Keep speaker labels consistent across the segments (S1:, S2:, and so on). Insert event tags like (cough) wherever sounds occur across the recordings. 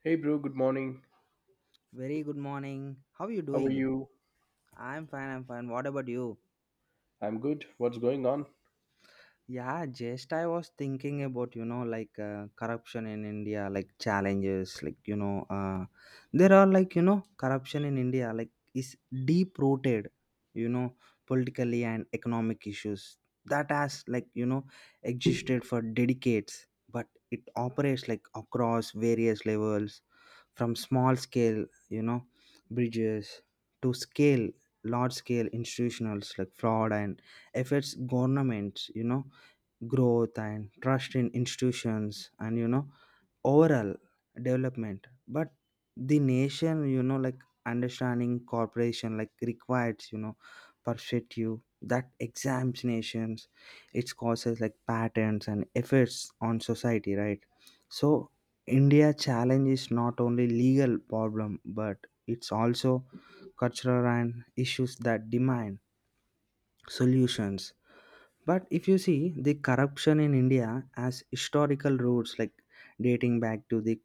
S1: Hey, bro, good morning.
S2: Very good morning. How are you
S1: How are
S2: doing?
S1: you?
S2: I'm fine, I'm fine. What about you?
S1: I'm good. What's going on?
S2: Yeah, just I was thinking about, you know, like corruption in India, like challenges, there are, like, you know, corruption in India, like, is deep rooted, you know, politically, and economic issues that has, like, you know, existed for decades, but it operates like across various levels, from small scale, you know, bridges to scale, large scale institutionals like fraud, and affects governments, you know, growth and trust in institutions, and you know overall development. But the nation, you know, like understanding corporation, like, requires, you know, perspective that exams nations, its causes like patterns and effects on society, right? So India challenge is not only legal problem, but it's also cultural and issues that demand solutions. But if you see, the corruption in India as historical roots, like, dating back to the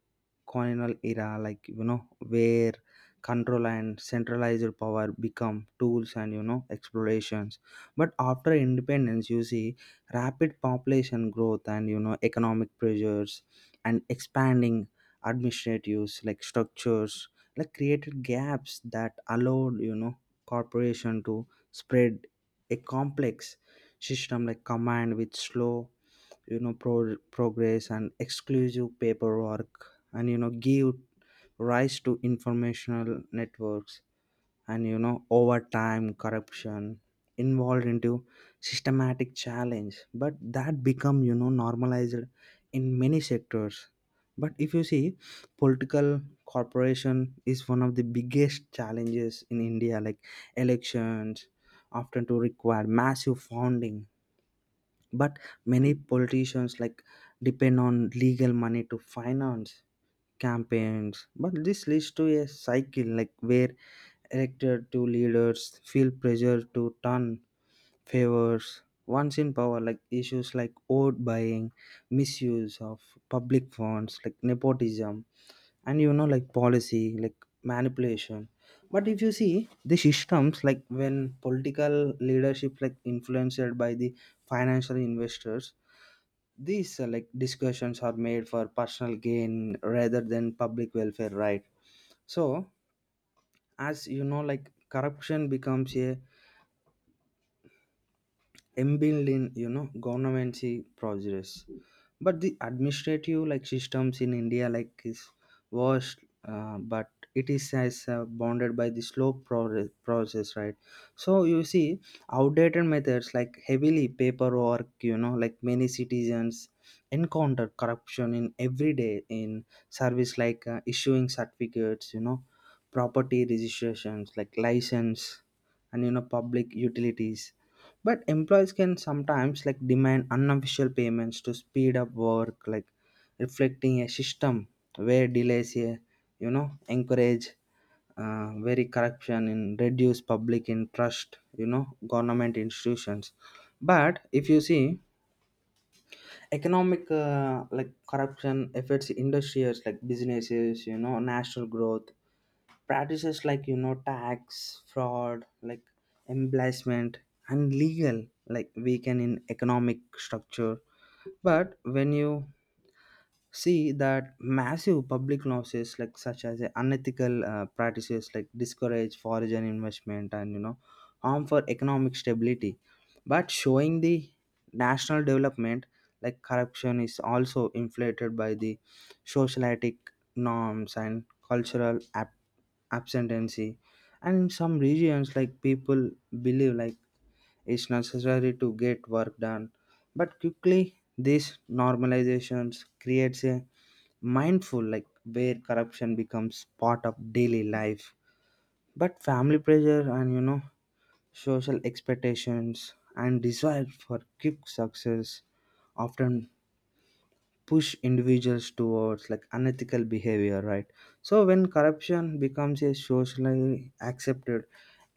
S2: colonial era, like, you know, where control and centralized power become tools and you know explorations. But after independence, you see rapid population growth and you know economic pressures and expanding administratives like structures, like, created gaps that allowed, you know, corporation to spread. A complex system like command with slow, you know, progress and exclusive paperwork and you know give rise to informational networks, and you know over time corruption involved into systematic challenge, but that become you know normalized in many sectors. But if you see political corporation is one of the biggest challenges in India, like elections often to require massive funding. But many politicians like depend on legal money to finance campaigns, but this leads to a cycle like where elected to leaders feel pressure to turn favors once in power, like issues like vote buying, misuse of public funds, like nepotism, and you know like policy like manipulation. But if you see the systems like when political leadership like influenced by the financial investors, these like discussions are made for personal gain rather than public welfare, right? So as you know like corruption becomes a inbuilt in you know governmency progress, but the administrative like systems in India like is worst, but it is as bounded by the slow progress, process, right? So you see outdated methods like heavily paperwork, you know, like many citizens encounter corruption in everyday in service, like issuing certificates, you know, property registrations like license and you know public utilities. But employees can sometimes like demand unofficial payments to speed up work, like reflecting a system where delays, you know, encourage very corruption and reduce public interest, you know, government institutions. But if you see economic like corruption affects industries like businesses, you know, national growth practices, like you know tax fraud, like embezzlement and legal like weaken in economic structure. But when you see that massive public losses, like such as a unethical practices, like discourage foreign investment and you know harm for economic stability, but showing the national development, like corruption is also inflated by the socialitic norms and cultural absentee. And in some regions, like people believe like it's necessary to get work done, but quickly these normalizations creates a mindful like where corruption becomes part of daily life. But family pressure and you know social expectations and desire for quick success often push individuals towards like unethical behavior, right? So when corruption becomes a socially accepted,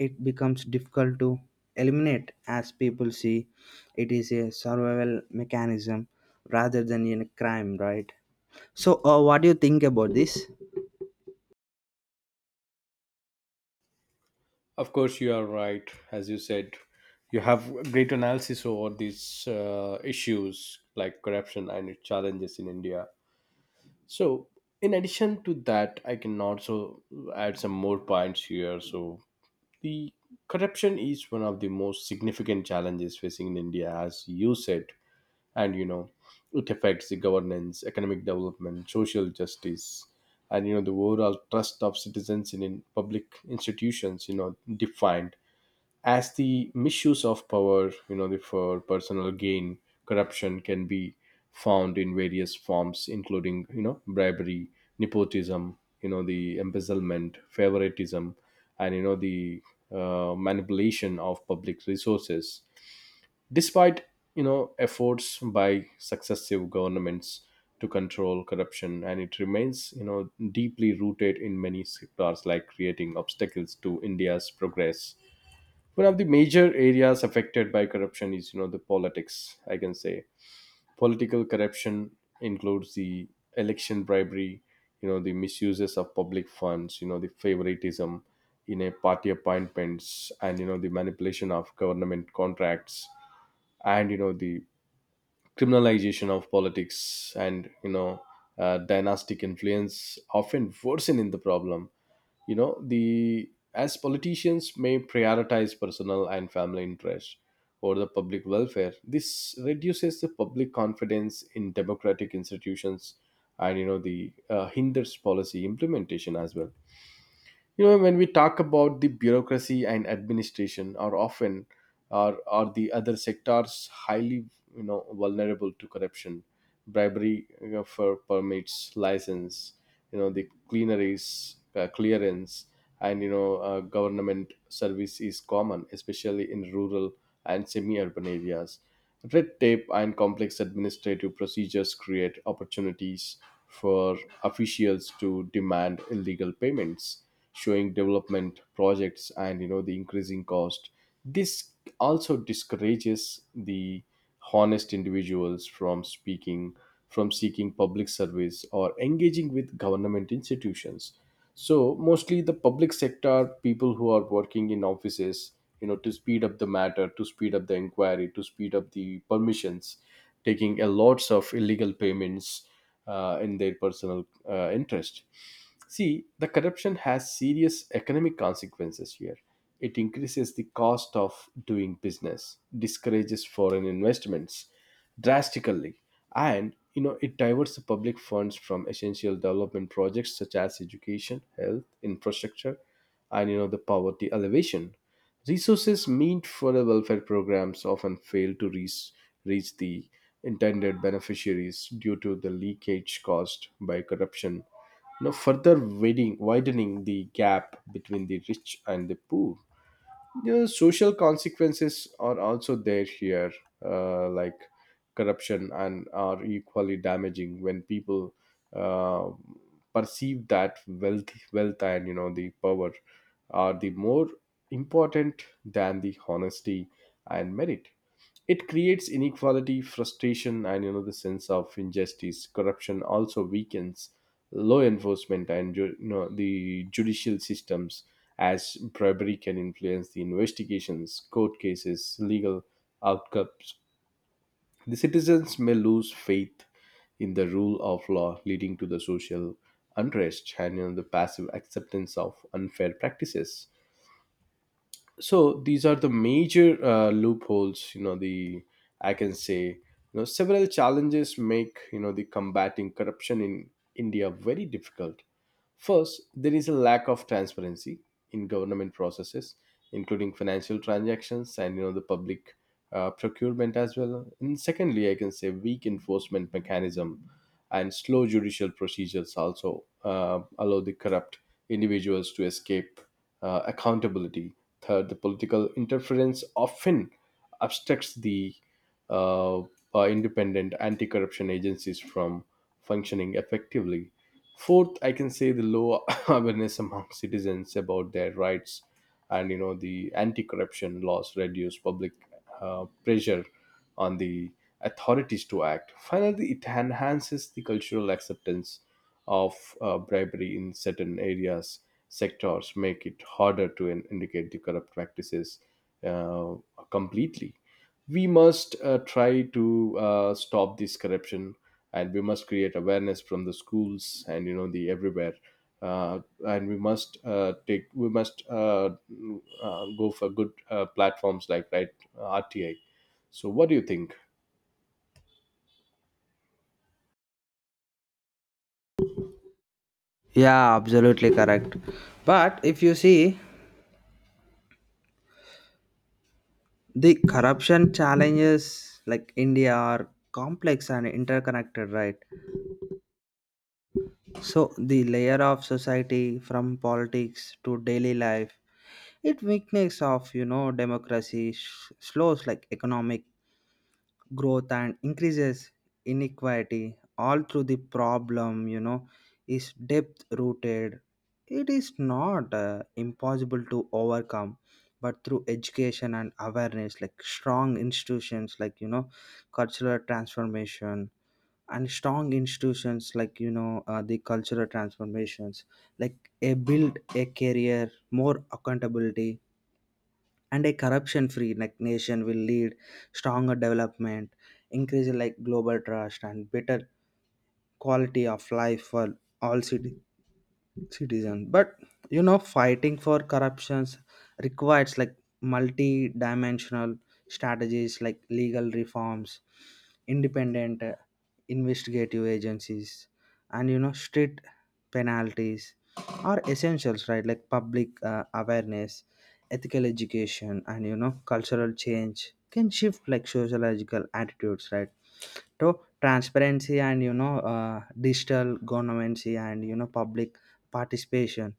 S2: it becomes difficult to eliminate as people see it is a survival mechanism rather than in a crime, right? So what do you think about this?
S1: Of course, you are right. As you said, you have great analysis over these issues like corruption and its challenges in India. So, in addition to that, I can also add some more points here. So, the corruption is one of the most significant challenges facing in India, as you said. And you know, it affects the governance, economic development, social justice, and you know, the overall trust of citizens in public institutions, you know, defined as the misuse of power, you know, the for personal gain. Corruption can be found in various forms including, you know, bribery, nepotism, you know, the embezzlement, favoritism, and you know, the manipulation of public resources despite, you know, efforts by successive governments to control corruption, and it remains, you know, deeply rooted in many sectors, like creating obstacles to India's progress. One of the major areas affected by corruption is, you know, the politics, I can say. Political corruption includes the election bribery, you know, the misuses of public funds, you know, the favoritism in a party appointments, and you know, the manipulation of government contracts, and you know, the criminalization of politics, and you know, dynastic influence often worsening the problem, you know, the as politicians may prioritize personal and family interests over the public welfare. This reduces the public confidence in democratic institutions, and you know, the hinders policy implementation as well. You know, when we talk about the bureaucracy and administration, are often are the other sectors highly, you know, vulnerable to corruption. Bribery you for permits, license, you know, the cleaneries clearance, and you know, government service is common, especially in rural and semi urban areas. Red tape and complex administrative procedures create opportunities for officials to demand illegal payments, showing development projects, and you know, the increasing cost. This also discourages the honest individuals from speaking, from seeking public service or engaging with government institutions. So mostly the public sector people who are working in offices, you know, to speed up the matter, to speed up the inquiry, to speed up the permissions, taking a lots of illegal payments in their personal interest. See, the corruption has serious economic consequences here. It increases the cost of doing business, discourages foreign investments drastically, and you know, it diverts the public funds from essential development projects such as education, health, infrastructure, and you know, the poverty elevation. Resources meant for the welfare programs often fail to reach the intended beneficiaries due to the leakage caused by corruption, now further widening the gap between the rich and the poor. The social consequences are also there here, like corruption, and are equally damaging when people uh, perceive that wealth and you know, the power are the more important than the honesty and merit. It creates inequality, frustration, and you know, the sense of injustice. Corruption also weakens law enforcement and you know, the judicial systems, as bribery can influence the investigations, court cases, legal outcomes. The citizens may lose faith in the rule of law, leading to the social unrest and you know, the passive acceptance of unfair practices. So these are the major loopholes, you know, the I can say. You know, several challenges make, you know, the combating corruption in India very difficult. First, there is a lack of transparency in government processes, including financial transactions and you know, the public procurement as well. And secondly, I can say weak enforcement mechanism and slow judicial procedures also allow the corrupt individuals to escape accountability. Third, the political interference often obstructs the uh, independent anti-corruption agencies from functioning effectively. Fourth, I can say the low (laughs) awareness among citizens about their rights, and you know, the anti-corruption laws reduce public pressure on the authorities to act. Finally, it enhances the cultural acceptance of bribery in certain areas, sectors, make it harder to indicate the corrupt practices uh, completely. We must try to stop this corruption, and we must create awareness from the schools and you know, the everywhere, uh, and we must go for good platforms like, right, RTI. So what do you think?
S2: Yeah, absolutely correct. But if you see the corruption challenges like India are complex and interconnected, right? So the layer of society from politics to daily life, it weakness of you know democracy slows like economic growth and increases inequality all through the problem, you know, is depth rooted. It is not impossible to overcome, but through education and awareness, like strong institutions, like you know cultural transformation, and strong institutions, like you know the cultural transformations, like a build a career more accountability, and a corruption free like nation will lead stronger development, increase like global trust and better quality of life for all citizens citizen But you know fighting for corruptions requires like multi-dimensional strategies, like legal reforms, independent investigative agencies, and you know strict penalties are essentials, right? Like public awareness, ethical education, and you know cultural change can shift like sociological attitudes, right? So transparency and you know digital governance and you know public participation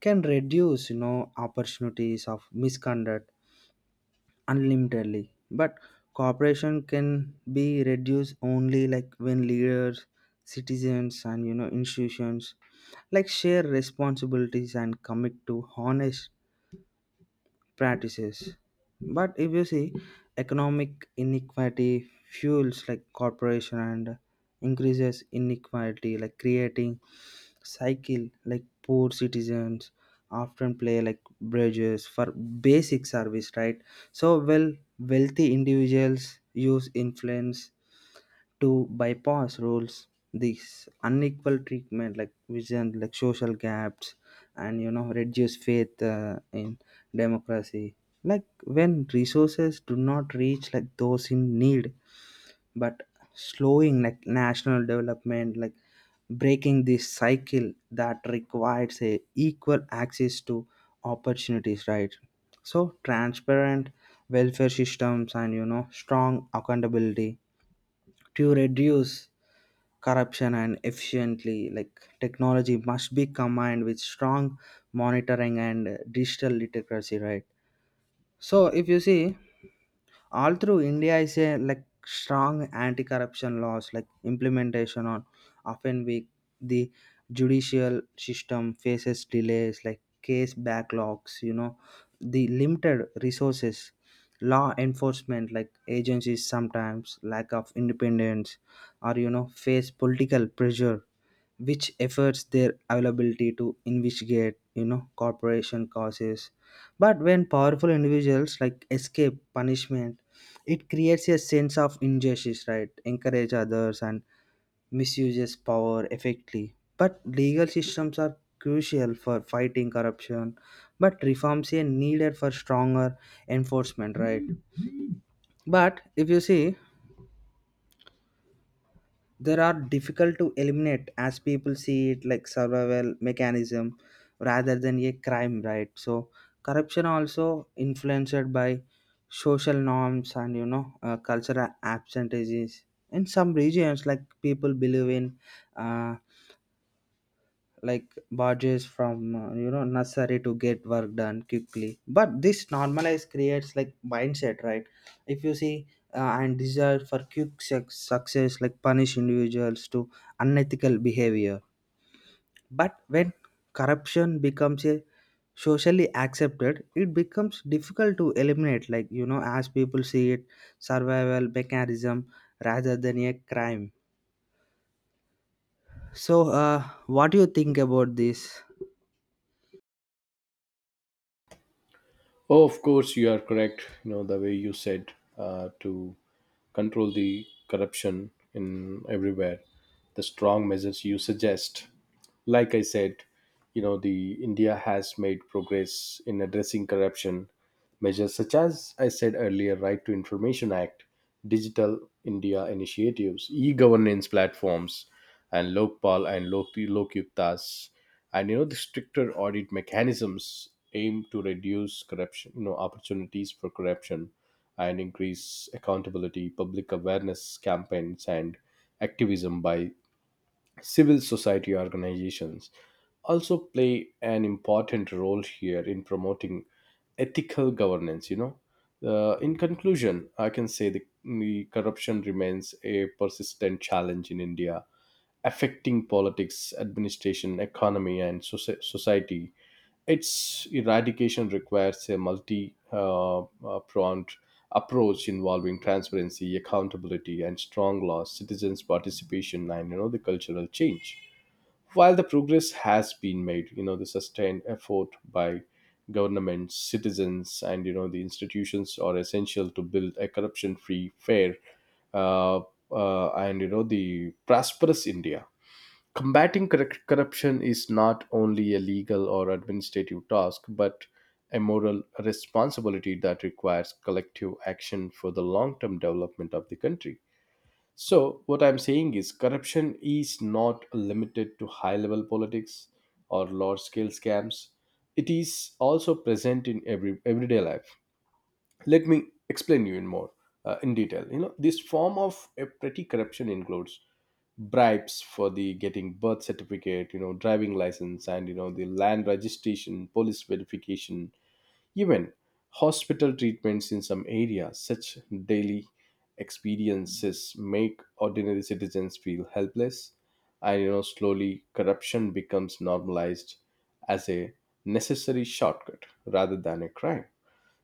S2: can reduce you know opportunities of misconduct unlimitedly. But cooperation can be reduced only like when leaders, citizens, and you know institutions like share responsibilities and commit to honest practices. But if you see economic inequality fuels like corporation and increases inequality, like creating cycle like poor citizens often play like bridges for basic service, right? So well, wealthy individuals use influence to bypass rules. This unequal treatment like vision like social gaps and you know reduce faith in democracy, like when resources do not reach like those in need, but slowing like national development, like breaking this cycle that requires a equal access to opportunities, right? So transparent welfare systems and you know strong accountability to reduce corruption and efficiently like technology must be combined with strong monitoring and digital literacy, right? So if you see all through India is a like strong anti-corruption laws like implementation on often weak, the judicial system faces delays, like case backlogs, you know, the limited resources. Law enforcement like agencies sometimes lack of independence or you know face political pressure, which efforts their availability to investigate you know corporation causes. But when powerful individuals like escape punishment, it creates a sense of injustice, right, encourage others and misuses power effectively. But legal systems are crucial for fighting corruption, but reforms are needed for stronger enforcement, right? But if you see there are difficult to eliminate as people see it like survival mechanism rather than a crime, right? So corruption also influenced by social norms and you know cultural absentees. In some regions, like people believe in, uh, like barges from, you know, nursery to get work done quickly, but this normalise creates like mindset, right? If you see, and desire for quick success like punish individuals to unethical behavior. But when corruption becomes a socially accepted, it becomes difficult to eliminate, like you know as people see it survival mechanism rather than a crime. So what do you think about this?
S1: Oh, of course you are correct. You know, the way you said to control the corruption in everywhere, the strong measures you suggest, like I said, you know, the India has made progress in addressing corruption. Measures such as I said earlier, Right to Information Act, Digital India initiatives, e-governance platforms, and Lokpal and Lokyuktas, and you know, the stricter audit mechanisms aim to reduce corruption, you know, opportunities for corruption and increase accountability. Public awareness campaigns and activism by civil society organizations also play an important role here in promoting ethical governance, you know, in conclusion, I can say the corruption remains a persistent challenge in India, affecting politics, administration, economy, and society. Its eradication requires a multi, pronged approach involving transparency, accountability, and strong laws, citizens' participation, and you know, the cultural change. While the progress has been made, you know, the sustained effort by governments, citizens, and you know, the institutions are essential to build a corruption-free, fair, uh, and you know, the prosperous India. Combating corruption is not only a legal or administrative task, but a moral responsibility that requires collective action for the long term development of the country. So, what I'm saying is, corruption is not limited to high level politics or large scale scams, it is also present in everyday life. Let me explain you in more, in detail. You know, this form of a petty corruption includes bribes for the getting birth certificate, you know, driving license, and you know, the land registration, police verification, even hospital treatments in some areas. Such daily experiences make ordinary citizens feel helpless, and you know, slowly corruption becomes normalized as a necessary shortcut rather than a crime.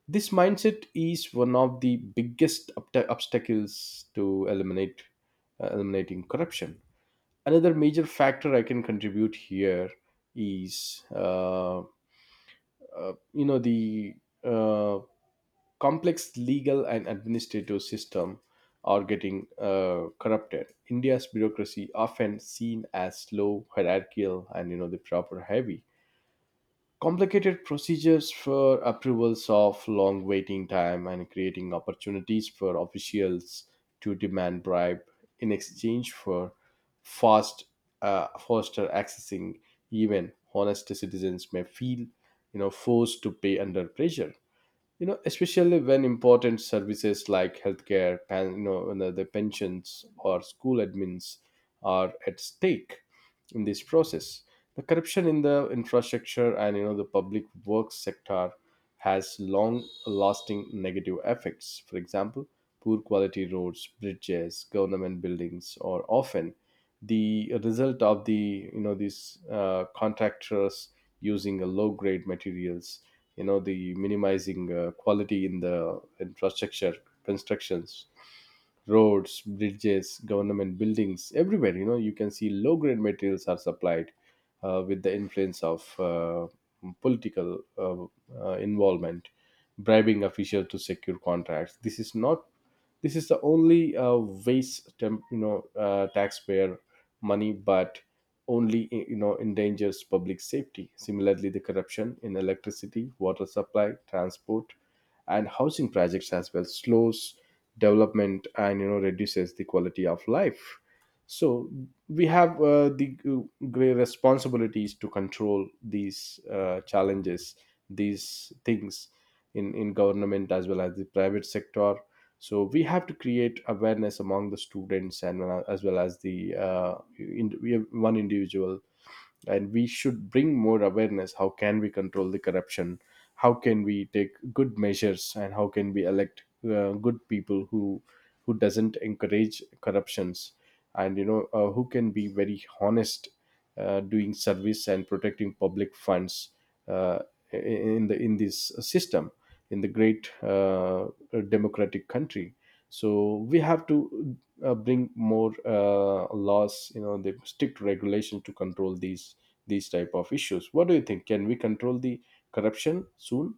S1: This mindset is one of the biggest obstacles to eliminate eliminating corruption. Another major factor I can contribute here is, you know, the uh, complex legal and administrative system are getting corrupted. India's bureaucracy, often seen as slow, hierarchical, and you know, the proper heavy complicated procedures for approvals of long waiting time and creating opportunities for officials to demand bribe in exchange for fast faster accessing. Even honest citizens may feel, you know, forced to pay under pressure, you know, especially when important services like healthcare and you know, the pensions or school admins are at stake. In this process, the corruption in the infrastructure and you know, the public works sector has long lasting negative effects. For example, poor quality roads, bridges, government buildings are often the result of the, you know, these contractors using a low grade materials, you know, the minimizing quality in the infrastructure constructions. Roads, bridges, government buildings everywhere, you know, you can see low grade materials are supplied with the influence of political involvement, bribing officials to secure contracts. This is not This is the only, waste temp, you know, taxpayer money, but only, you know, endangers public safety. Similarly, the corruption in electricity, water supply, transport, and housing projects as well slows development and you know, reduces the quality of life. So we have, the great responsibilities to control these challenges, these things, in government as well as the private sector. So we have to create awareness among the students and, as well as the, in, we have one individual, and we should bring more awareness: how can we control the corruption, how can we take good measures, and how can we elect good people who doesn't encourage corruptions, and you know, who can be very honest, doing service and protecting public funds, uh, in the in this system, in the great, democratic country. So we have to, bring more laws, you know, they stick to regulation to control these type of issues. What do you think, can we control the corruption soon?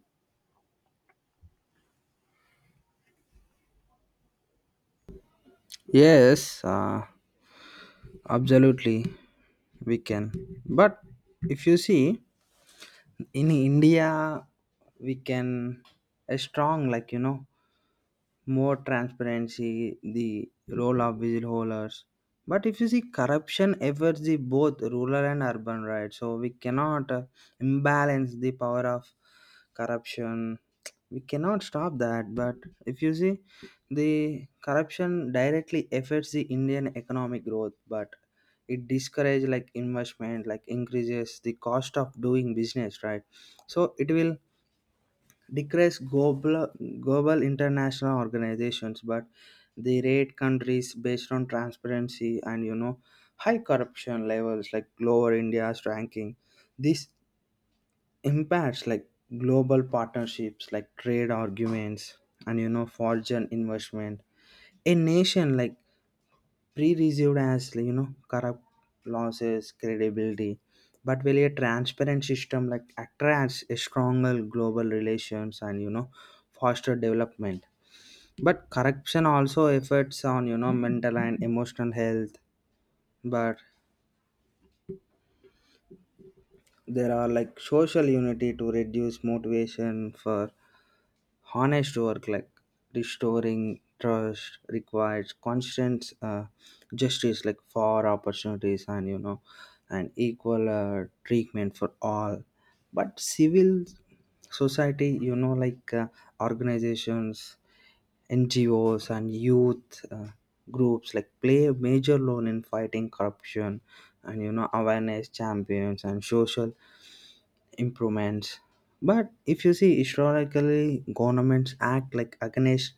S2: Yes, absolutely, we can. But if you see in India, we can a strong like you know more transparency, the role of whistleblowers. But if you see, corruption affects the both rural and urban, right? So we cannot imbalance the power of corruption. We cannot stop that. But if you see, the corruption directly affects the Indian economic growth, but it discourages like investment, like increases the cost of doing business, right? So it will decrease global international organizations, but they rate countries based on transparency and you know high corruption levels like lower India's ranking. This impacts like global partnerships like trade arguments and you know foreign investment. A nation like pre-received as, like, you know, corrupt losses credibility, but really a transparent system like attracts a stronger global relations and you know foster development. But corruption also affects on you know mental and emotional health, but there are like social unity to reduce motivation for honest work, like restoring trust requires constant justice, like for opportunities and you know and equal treatment for all. But civil society, you know, like organizations, NGOs, and youth groups like play a major role in fighting corruption and you know awareness champions and social improvements. But if you see historically, governments act like against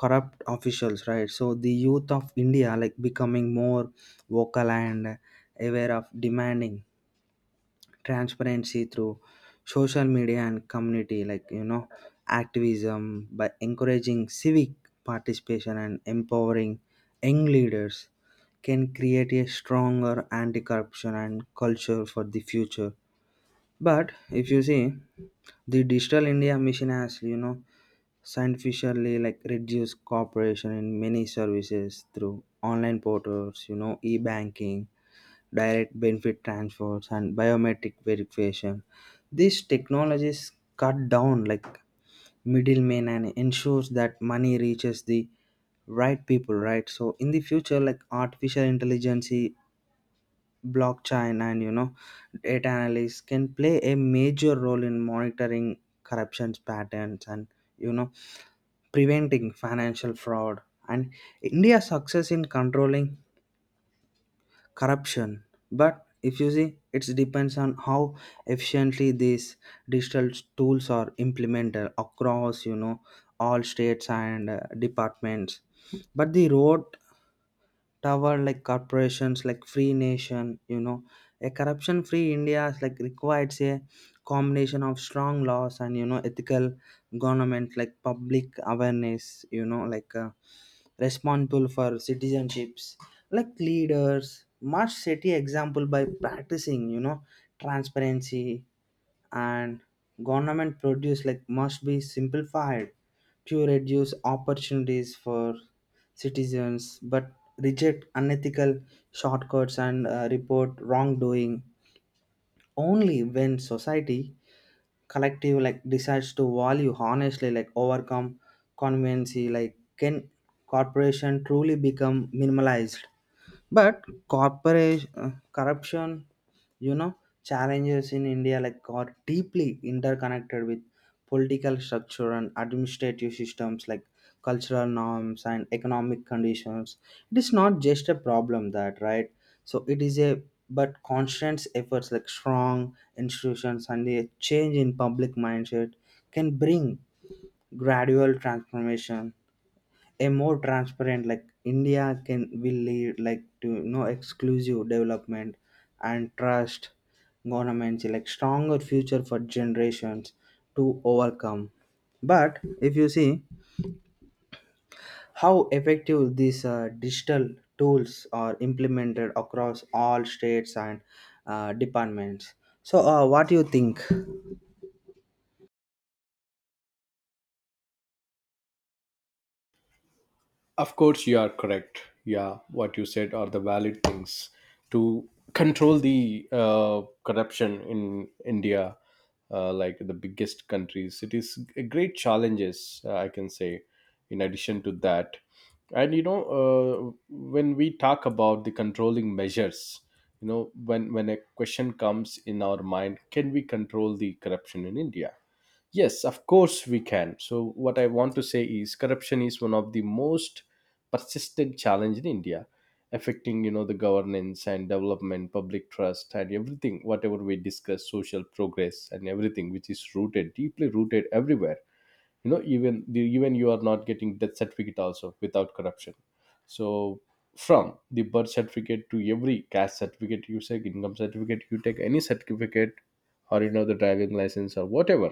S2: corrupt officials, right? So the youth of India like becoming more vocal and aware of demanding transparency through social media and community, like you know, activism, by encouraging civic participation and empowering young leaders, can create a stronger anti-corruption and culture for the future. But if you see the Digital India Mission has, you know, scientifically like reduced cooperation in many services through online portals, you know, e-banking, direct benefit transfers, and biometric verification. These technologies cut down like middlemen and ensures that money reaches the right people, right? So in the future, like artificial intelligence, blockchain, and you know data analysts can play a major role in monitoring corruptions patterns and you know preventing financial fraud and India's success in controlling corruption. But if you see it depends on how efficiently these digital tools are implemented across you know all states and departments. But the road tower like corporations like free nation, you know, a corruption free India is like requires a combination of strong laws and you know ethical government, like public awareness, you know, like responsible for citizenships, like leaders must set a example by practicing you know transparency. And government produce like must be simplified to reduce opportunities for citizens, but reject unethical shortcuts and report wrongdoing only when society collective like decides to value honestly like overcome conveniency like can corporation truly become minimalized. But corporation corruption you know, challenges in India like are deeply interconnected with political structure and administrative systems, like cultural norms and economic conditions. It is not just a problem that right? So it is a, but constant efforts like strong institutions and a change in public mindset can bring gradual transformation. A more transparent like India can will lead like to you know exclusive development and trust governments like stronger future for generations to overcome. But if you see how effective these digital tools are implemented across all states and departments. So what do you think?
S1: Of course, you are correct. Yeah, what you said are the valid things to control the corruption in India, like the biggest countries. It is a great challenges, I can say. In addition to that, and you know, when we talk about the controlling measures, you know, when a question comes in our mind, can we control the corruption in India? Yes, of course we can. So, what I want to say is corruption is one of the most persistent challenge in India, affecting, you know, the governance and development, public trust, and everything. Whatever we discuss, social progress and everything, which is rooted deeply rooted everywhere. Even you are not getting death certificate also without corruption. So from the birth certificate to every caste certificate you take, income certificate you take, any certificate or the driving license or whatever,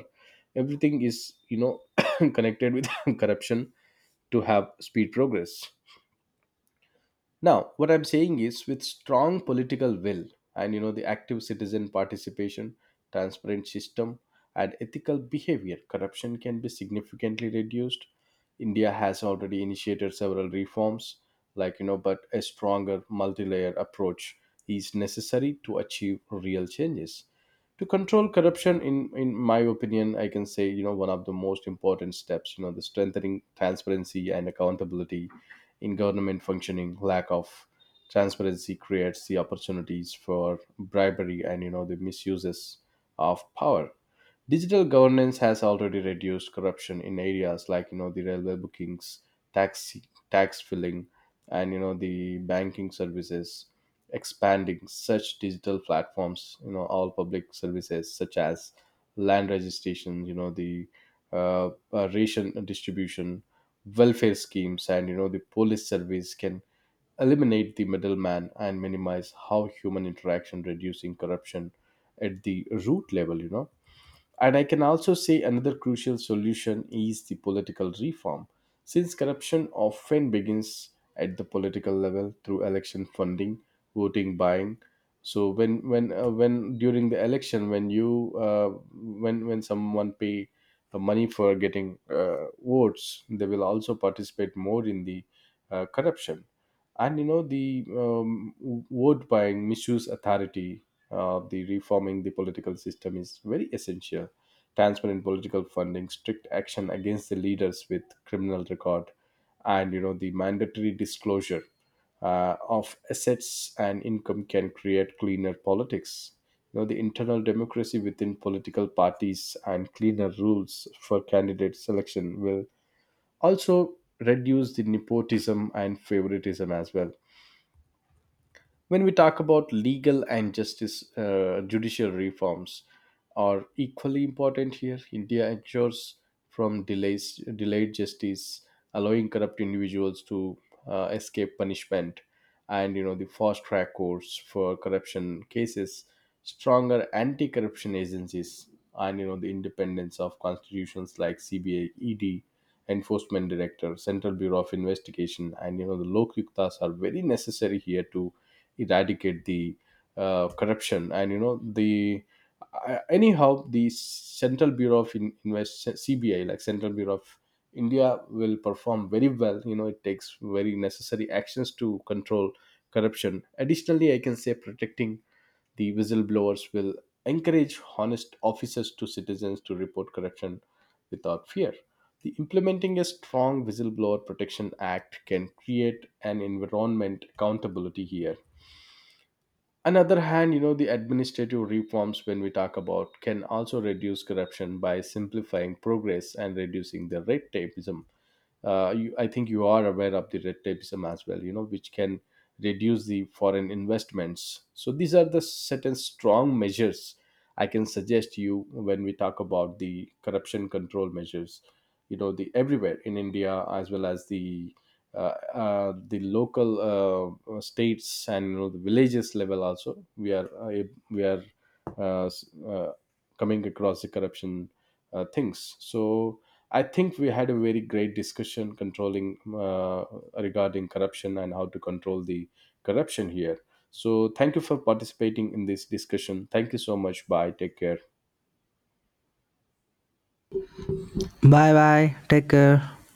S1: everything is (coughs) connected with (laughs) (coughs) corruption, to have speed progress. Now, what I'm saying is with strong political will and the active citizen participation, transparent system, and ethical behavior, corruption can be significantly reduced. India has already initiated several reforms, but a stronger multi-layer approach is necessary to achieve real changes. To control corruption, in my opinion, I can say, one of the most important steps, the strengthening transparency and accountability in government functioning. Lack of transparency creates the opportunities for bribery and the misuses of power. Digital governance has already reduced corruption in areas like the railway bookings, tax tax filling, and the banking services. Expanding such digital platforms, all public services such as land registration, you know the ration distribution, welfare schemes, and the police service, can eliminate the middleman and minimize how human interaction, reducing corruption at the root level. And I can also say, another crucial solution is the political reform. Since corruption often begins at the political level through election funding, voting buying. So when during the election, when you when someone pay the money for getting votes, they will also participate more in the corruption and vote buying, misuse authority. The reforming the political system is very essential. Transparent political funding, strict action against the leaders with criminal record, and the mandatory disclosure of assets and income can create cleaner politics. The internal democracy within political parties and cleaner rules for candidate selection will also reduce the nepotism and favoritism as well. When we talk about legal and justice judicial reforms, are equally important here. India ensures from delays delayed justice, allowing corrupt individuals to escape punishment, and the fast track courts for corruption cases, stronger anti corruption agencies, and the independence of constitutions like CBA, ED, Enforcement Director, Central Bureau of Investigation, and the Lok Yuktas are very necessary here to eradicate the corruption. And you know the anyhow, the central bureau of In- invest CBI, like Central Bureau of India, will perform very well. It takes very necessary actions to control corruption. Additionally, I can say, protecting the whistleblowers will encourage honest officers to citizens to report corruption without fear. The implementing a strong whistleblower protection act can create an environment accountability here. Another hand, the administrative reforms, when we talk about, can also reduce corruption by simplifying progress and reducing the red tapeism. I think you are aware of the red tapeism as well, which can reduce the foreign investments. So these are the certain strong measures I can suggest you when we talk about the corruption control measures. You know the Everywhere in India as well as the local states and the villages level, also we are uh, s- uh, coming across the corruption things. So I think we had a very great discussion, controlling regarding corruption and how to control the corruption here. So thank you for participating in this discussion. Thank you so much. Bye, take care.
S2: Bye bye, take care.